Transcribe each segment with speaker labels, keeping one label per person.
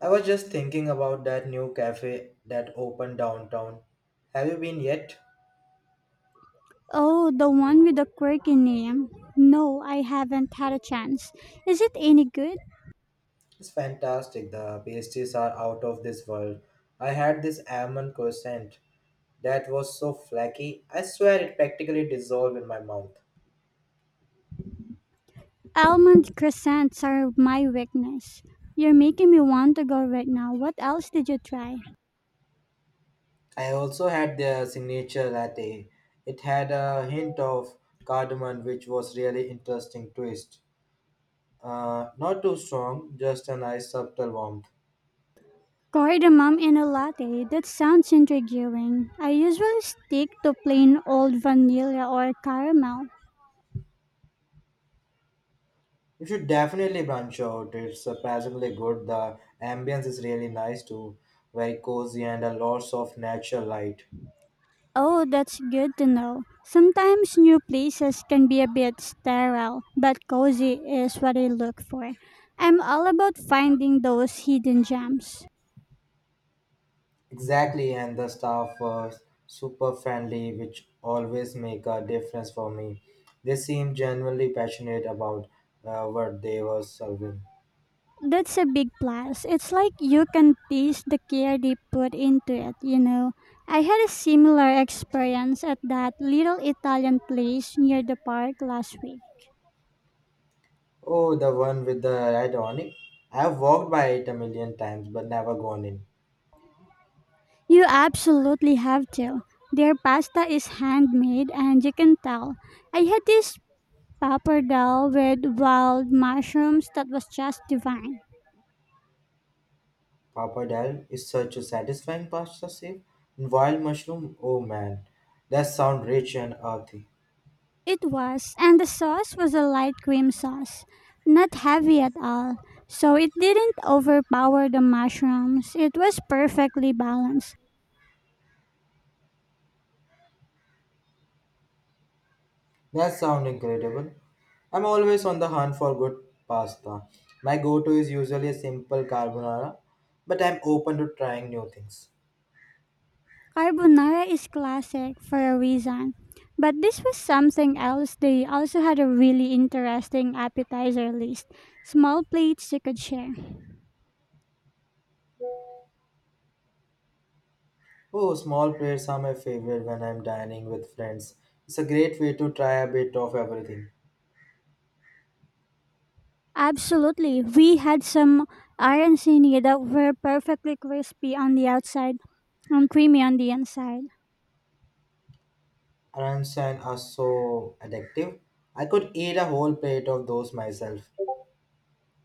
Speaker 1: I was just thinking about that new cafe that opened downtown. Have you been yet?
Speaker 2: Oh, the one with the quirky name. No, I haven't had a chance. Is it any good?
Speaker 1: It's fantastic. The pastries are out of this world. I had this almond croissant that was so flaky. I swear it practically dissolved in my mouth.
Speaker 2: Almond croissants are my weakness. You're making me want to go right now. What else did you try?
Speaker 1: I also had their signature latte. It had a hint of cardamom, which was really interesting twist. Not too strong, just a nice subtle warmth.
Speaker 2: Cardamom in a latte. That sounds intriguing. I usually stick to plain old vanilla or caramel.
Speaker 1: You should definitely branch out. It's surprisingly good. The ambience is really nice too, very cozy and a lots of natural light.
Speaker 2: Oh, that's good to know. Sometimes new places can be a bit sterile, but cozy is what I look for. I'm all about finding those hidden gems.
Speaker 1: Exactly, and the staff were super friendly, which always make a difference for me. They seem genuinely passionate about what they were serving.
Speaker 2: That's a big plus. It's like you can taste the care they put into it. I had a similar experience at that little Italian place near the park last week.
Speaker 1: Oh, the one with the red awning. I've walked by it a million times but never gone in.
Speaker 2: You absolutely have to. Their pasta is handmade and you can tell I had this pappardelle with wild mushrooms that was just divine.
Speaker 1: Papadal is such a satisfying pasta soup. And wild mushroom, oh man, that sound rich and earthy.
Speaker 2: It was, and the sauce was a light cream sauce, not heavy at all, so it didn't overpower the mushrooms. It was perfectly balanced.
Speaker 1: That sound incredible. I'm always on the hunt for good pasta. My go-to is usually a simple carbonara, but I'm open to trying new things.
Speaker 2: Carbonara is classic for a reason, but this was something else. They also had a really interesting appetizer list, small plates you could share.
Speaker 1: Oh, small plates are my favorite when I'm dining with friends. It's a great way to try a bit of everything.
Speaker 2: Absolutely. We had some iron sini that were perfectly crispy on the outside and creamy on the inside.
Speaker 1: Aransan are so addictive. I could eat a whole plate of those myself.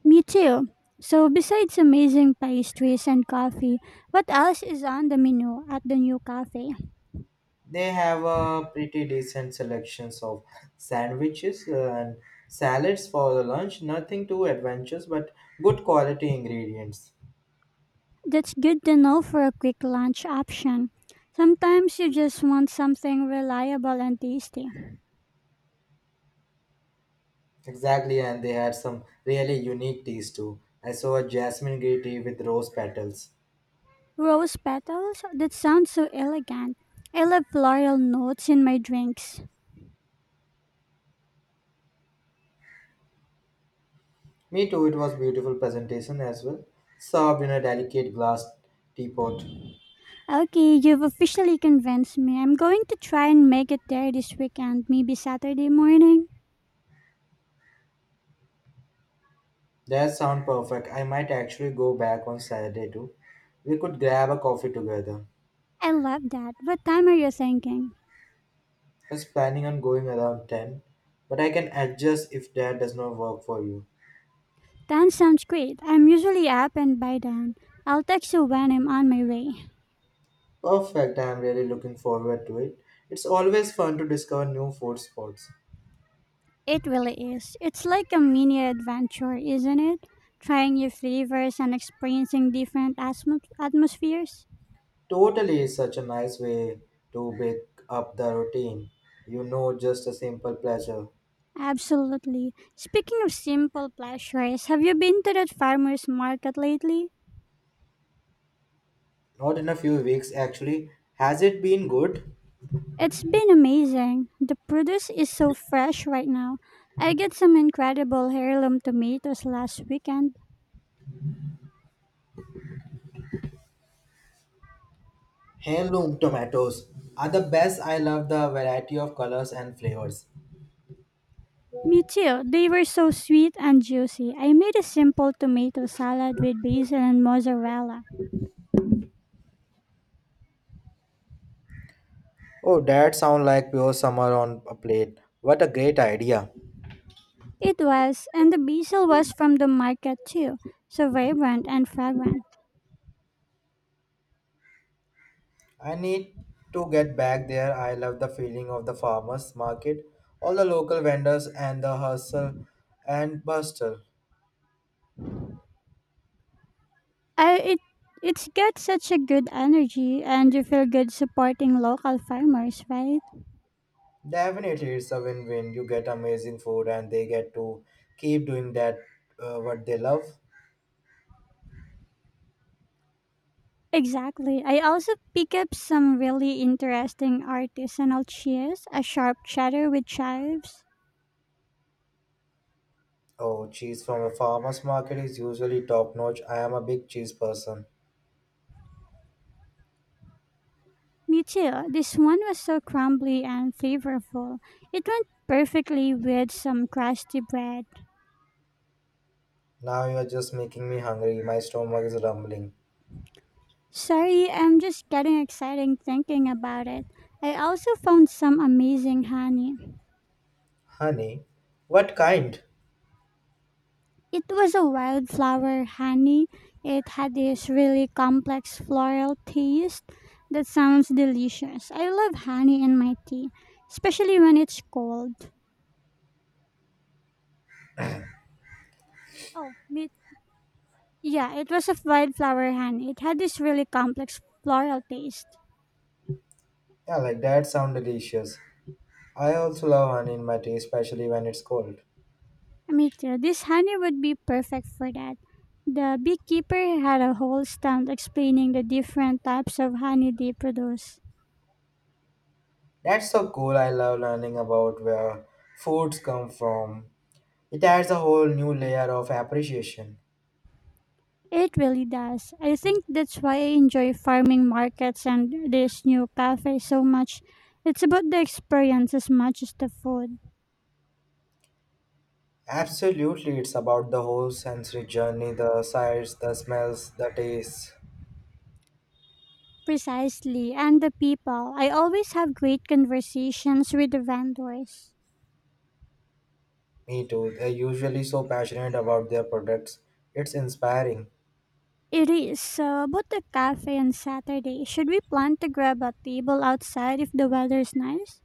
Speaker 2: Me too. So, besides amazing pastries and coffee, what else is on the menu at the new cafe?
Speaker 1: They have a pretty decent selections of sandwiches and salads for the lunch. Nothing too adventurous, but good quality ingredients.
Speaker 2: That's good to know for a quick lunch option. Sometimes you just want something reliable and tasty.
Speaker 1: Exactly, and they had some really unique teas too. I saw a jasmine green tea with rose petals.
Speaker 2: Rose petals? That sounds so elegant. I love floral notes in my drinks.
Speaker 1: Me too. It was beautiful presentation as well, served in a delicate glass teapot.
Speaker 2: Okay, you've officially convinced me. I'm going to try and make it there this weekend, maybe Saturday morning.
Speaker 1: That sound perfect. I might actually go back on Saturday too. We could grab a coffee together.
Speaker 2: I love that. What time are you thinking?
Speaker 1: I is planning on going around 10, but I can adjust if that does not work for you.
Speaker 2: 10 sounds great. I'm usually up and by then. I'll text you when I'm on my way.
Speaker 1: Perfect, I am really looking forward to it. It's always fun to discover new food spots.
Speaker 2: It really is. It's like a mini adventure, isn't it? Trying new flavors and experiencing different atmospheres.
Speaker 1: Totally is such a nice way to break up the routine. You know, just a simple pleasure.
Speaker 2: Absolutely. Speaking of simple pleasures, have you been to that farmer's market lately?
Speaker 1: Not in a few weeks, actually. Has it been good?
Speaker 2: It's been amazing. The produce is so fresh right now. I got some incredible heirloom tomatoes last weekend.
Speaker 1: Heirloom tomatoes are the best. I love the variety of colors and flavors.
Speaker 2: Me too. They were so sweet and juicy. I made a simple tomato salad with basil and mozzarella.
Speaker 1: Oh, that sounds like pure summer on a plate. What a great idea.
Speaker 2: It was, and the basil was from the market too, so vibrant and fragrant.
Speaker 1: I need to get back there. I love the feeling of the farmers market, all the local vendors, and the hustle and bustle.
Speaker 2: It it's got such a good energy, and you feel good supporting local farmers, right?
Speaker 1: Definitely, it's a win win. You get amazing food, and they get to keep doing that what they love.
Speaker 2: Exactly. I also pick up some really interesting artisanal cheese, a sharp cheddar with chives.
Speaker 1: Oh, cheese from a farmer's market is usually top notch. I am a big cheese person.
Speaker 2: Me too. This one was so crumbly and flavorful. It went perfectly with some crusty bread.
Speaker 1: Now you are just making me hungry. My stomach is rumbling.
Speaker 2: Sorry, I'm just getting excited thinking about it. I also found some amazing honey.
Speaker 1: Honey, what kind?
Speaker 2: It was a wildflower honey. It had this really complex floral taste that sounds delicious. I love honey in my tea, especially when it's cold. Oh, me. Yeah, it was a wildflower honey. It had this really complex floral taste.
Speaker 1: Yeah, like that sound delicious. I also love honey in my tea, especially when it's cold.
Speaker 2: Me too. This honey would be perfect for that. The beekeeper had a whole stand explaining the different types of honey they produce.
Speaker 1: That's so cool. I love learning about where foods come from. It adds a whole new layer of appreciation.
Speaker 2: It really does. I think that's why I enjoy farming markets and this new cafe so much. It's about the experience as much as the food.
Speaker 1: Absolutely, it's about the whole sensory journey the sights, the smells, the tastes.
Speaker 2: Precisely, and the people. I always have great conversations with the vendors.
Speaker 1: Me too. They're usually so passionate about their products. It's inspiring.
Speaker 2: It is. So, about the cafe on Saturday, should we plan to grab a table outside if the weather's nice?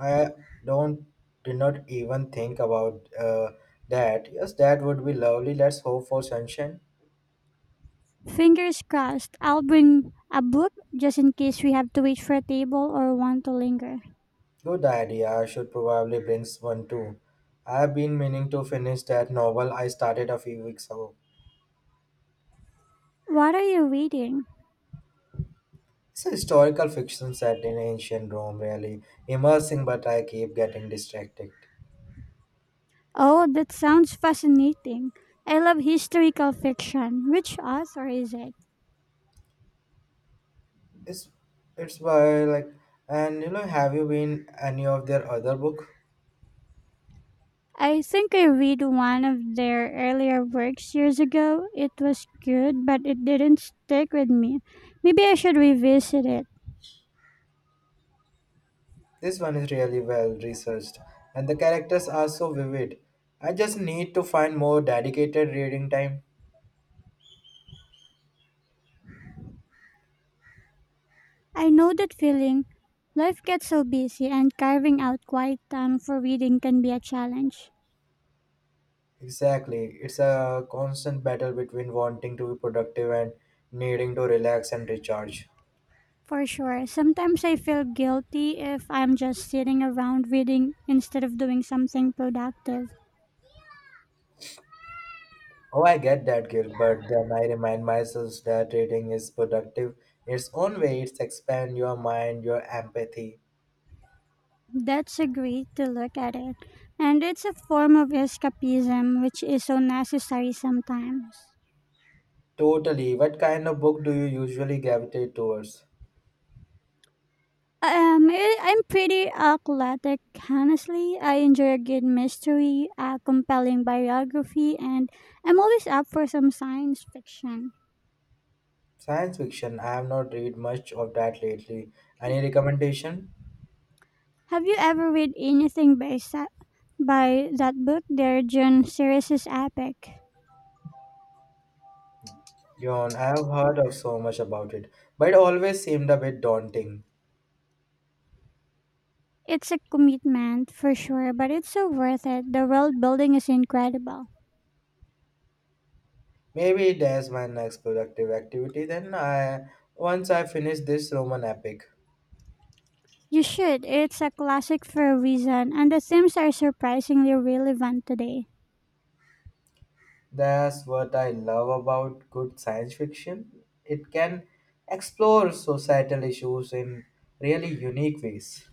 Speaker 1: I don't did not even think about that. Yes, that would be lovely. Let's hope for sunshine.
Speaker 2: Fingers crossed, I'll bring a book just in case we have to wait for a table or want to linger.
Speaker 1: Good idea. I should probably bring one too. I have been meaning to finish that novel I started a few weeks ago.
Speaker 2: What are you reading?
Speaker 1: It's a historical fiction set in ancient Rome, really immersing, but I keep getting distracted.
Speaker 2: Oh, that sounds fascinating. I love historical fiction. Which author is it?
Speaker 1: It's it's by like, and have you been any of their other book?
Speaker 2: I think I read one of their earlier works years ago. It was good, but it didn't stick with me. Maybe I should revisit it.
Speaker 1: This one is really well researched, and the characters are so vivid. I just need to find more dedicated reading time.
Speaker 2: I know that feeling. Life gets so busy, and carving out quiet time for reading can be a challenge.
Speaker 1: Exactly. It's a constant battle between wanting to be productive and needing to relax and recharge.
Speaker 2: For sure. Sometimes I feel guilty if I'm just sitting around reading instead of doing something productive.
Speaker 1: Oh, I get that guilt, but then I remind myself that reading is productive in its own way. It's expand your mind, your empathy.
Speaker 2: That's a great to look at it. And it's a form of escapism which is so necessary sometimes.
Speaker 1: Totally. What kind of book do you usually gravitate towards?
Speaker 2: I'm pretty athletic, honestly. I enjoy a good mystery, a compelling biography, and I'm always up for some science fiction.
Speaker 1: Science fiction. I have not read much of that lately. Any recommendation?
Speaker 2: Have you ever read anything by, by that book? Their June series is epic.
Speaker 1: Yawn. I have heard of so much about it, but it always seemed a bit daunting.
Speaker 2: It's a commitment for sure, but it's so worth it. The world building is incredible.
Speaker 1: Maybe there's my next productive activity then. I once I finish this Roman epic.
Speaker 2: You should. It's a classic for a reason, and the themes are surprisingly relevant today.
Speaker 1: That's what I love about good science fiction. It can explore societal issues in really unique ways.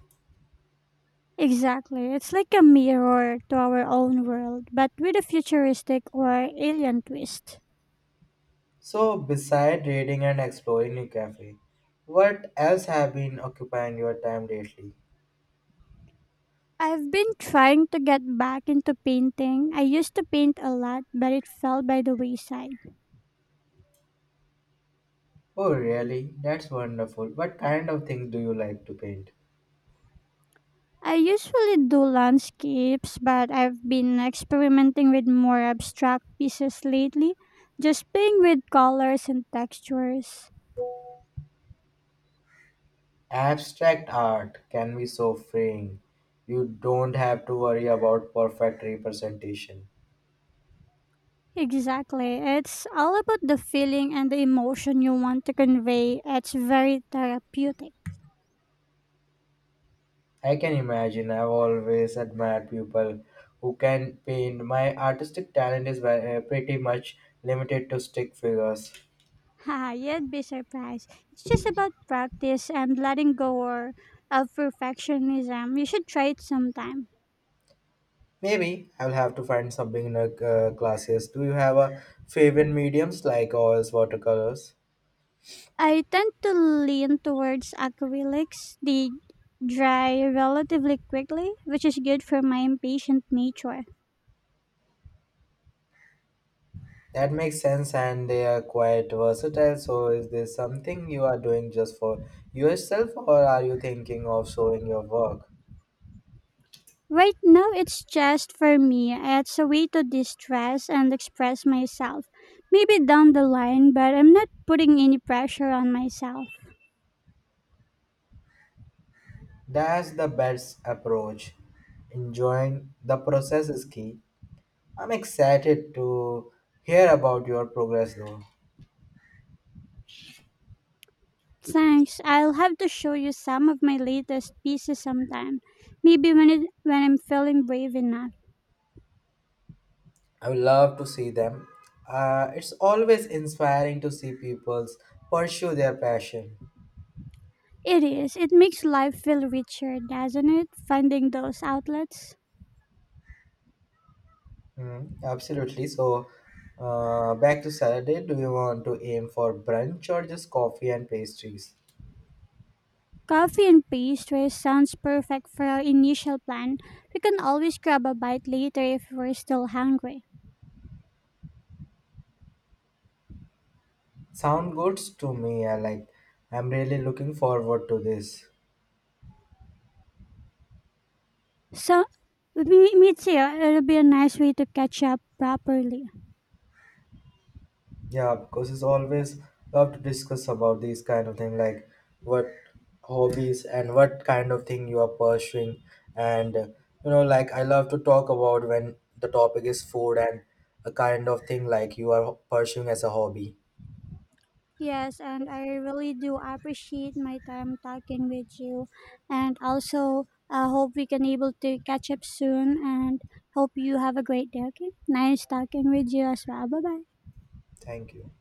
Speaker 2: Exactly. It's like a mirror to our own world, but with a futuristic or alien twist.
Speaker 1: So, beside reading and exploring a cafe, what else have been occupying your time lately?
Speaker 2: I've been trying to get back into painting. I used to paint a lot, but it fell by the wayside.
Speaker 1: Oh, really? That's wonderful. What kind of things do you like to paint?
Speaker 2: I usually do landscapes, but I've been experimenting with more abstract pieces lately, just playing with colors and textures.
Speaker 1: Abstract art can be so freeing. You don't have to worry about perfect representation.
Speaker 2: Exactly. It's all about the feeling and the emotion you want to convey. It's very therapeutic.
Speaker 1: I can imagine I've always admired people who can paint. My artistic talent is pretty much limited to stick figures.
Speaker 2: Ha, you'd be surprised. It's just about practice and letting go or of perfectionism. You should try it sometime.
Speaker 1: Maybe I'll have to find some beginner classes. Do you have a favorite mediums like oils, watercolors?
Speaker 2: I tend to lean towards acrylics. They dry relatively quickly, which is good for my impatient nature.
Speaker 1: That makes sense, and they are quite versatile. So, is this something you are doing just for yourself, or are you thinking of showing your work?
Speaker 2: Right now, it's just for me. It's a way to distress and express myself. Maybe down the line, but I'm not putting any pressure on myself.
Speaker 1: That's the best approach. Enjoying the process is key. I'm excited to hear about your progress, though.
Speaker 2: Thanks. I'll have to show you some of my latest pieces sometime. Maybe when I'm feeling brave enough.
Speaker 1: I would love to see them. It's always inspiring to see people pursue their passion.
Speaker 2: It is. It makes life feel richer, doesn't it? Finding those outlets.
Speaker 1: Mm, absolutely. So, back to Saturday. Do you want to aim for brunch or just coffee and pastries?
Speaker 2: Coffee and pastries sounds perfect for our initial plan. We can always grab a bite later if we're still hungry.
Speaker 1: Sound good to me. I like. I'm really looking forward to this.
Speaker 2: So, me too. It'll be a nice way to catch up properly.
Speaker 1: Yeah, because it's always love to discuss about these kind of thing, like what hobbies and what kind of thing you are pursuing, and like I love to talk about when the topic is food and a kind of thing like you are pursuing as a hobby.
Speaker 2: Yes, and I really do appreciate my time talking with you. And also, I hope we can able to catch up soon. And hope you have a great day. Okay, nice talking with you as well. Bye bye.
Speaker 1: Thank you.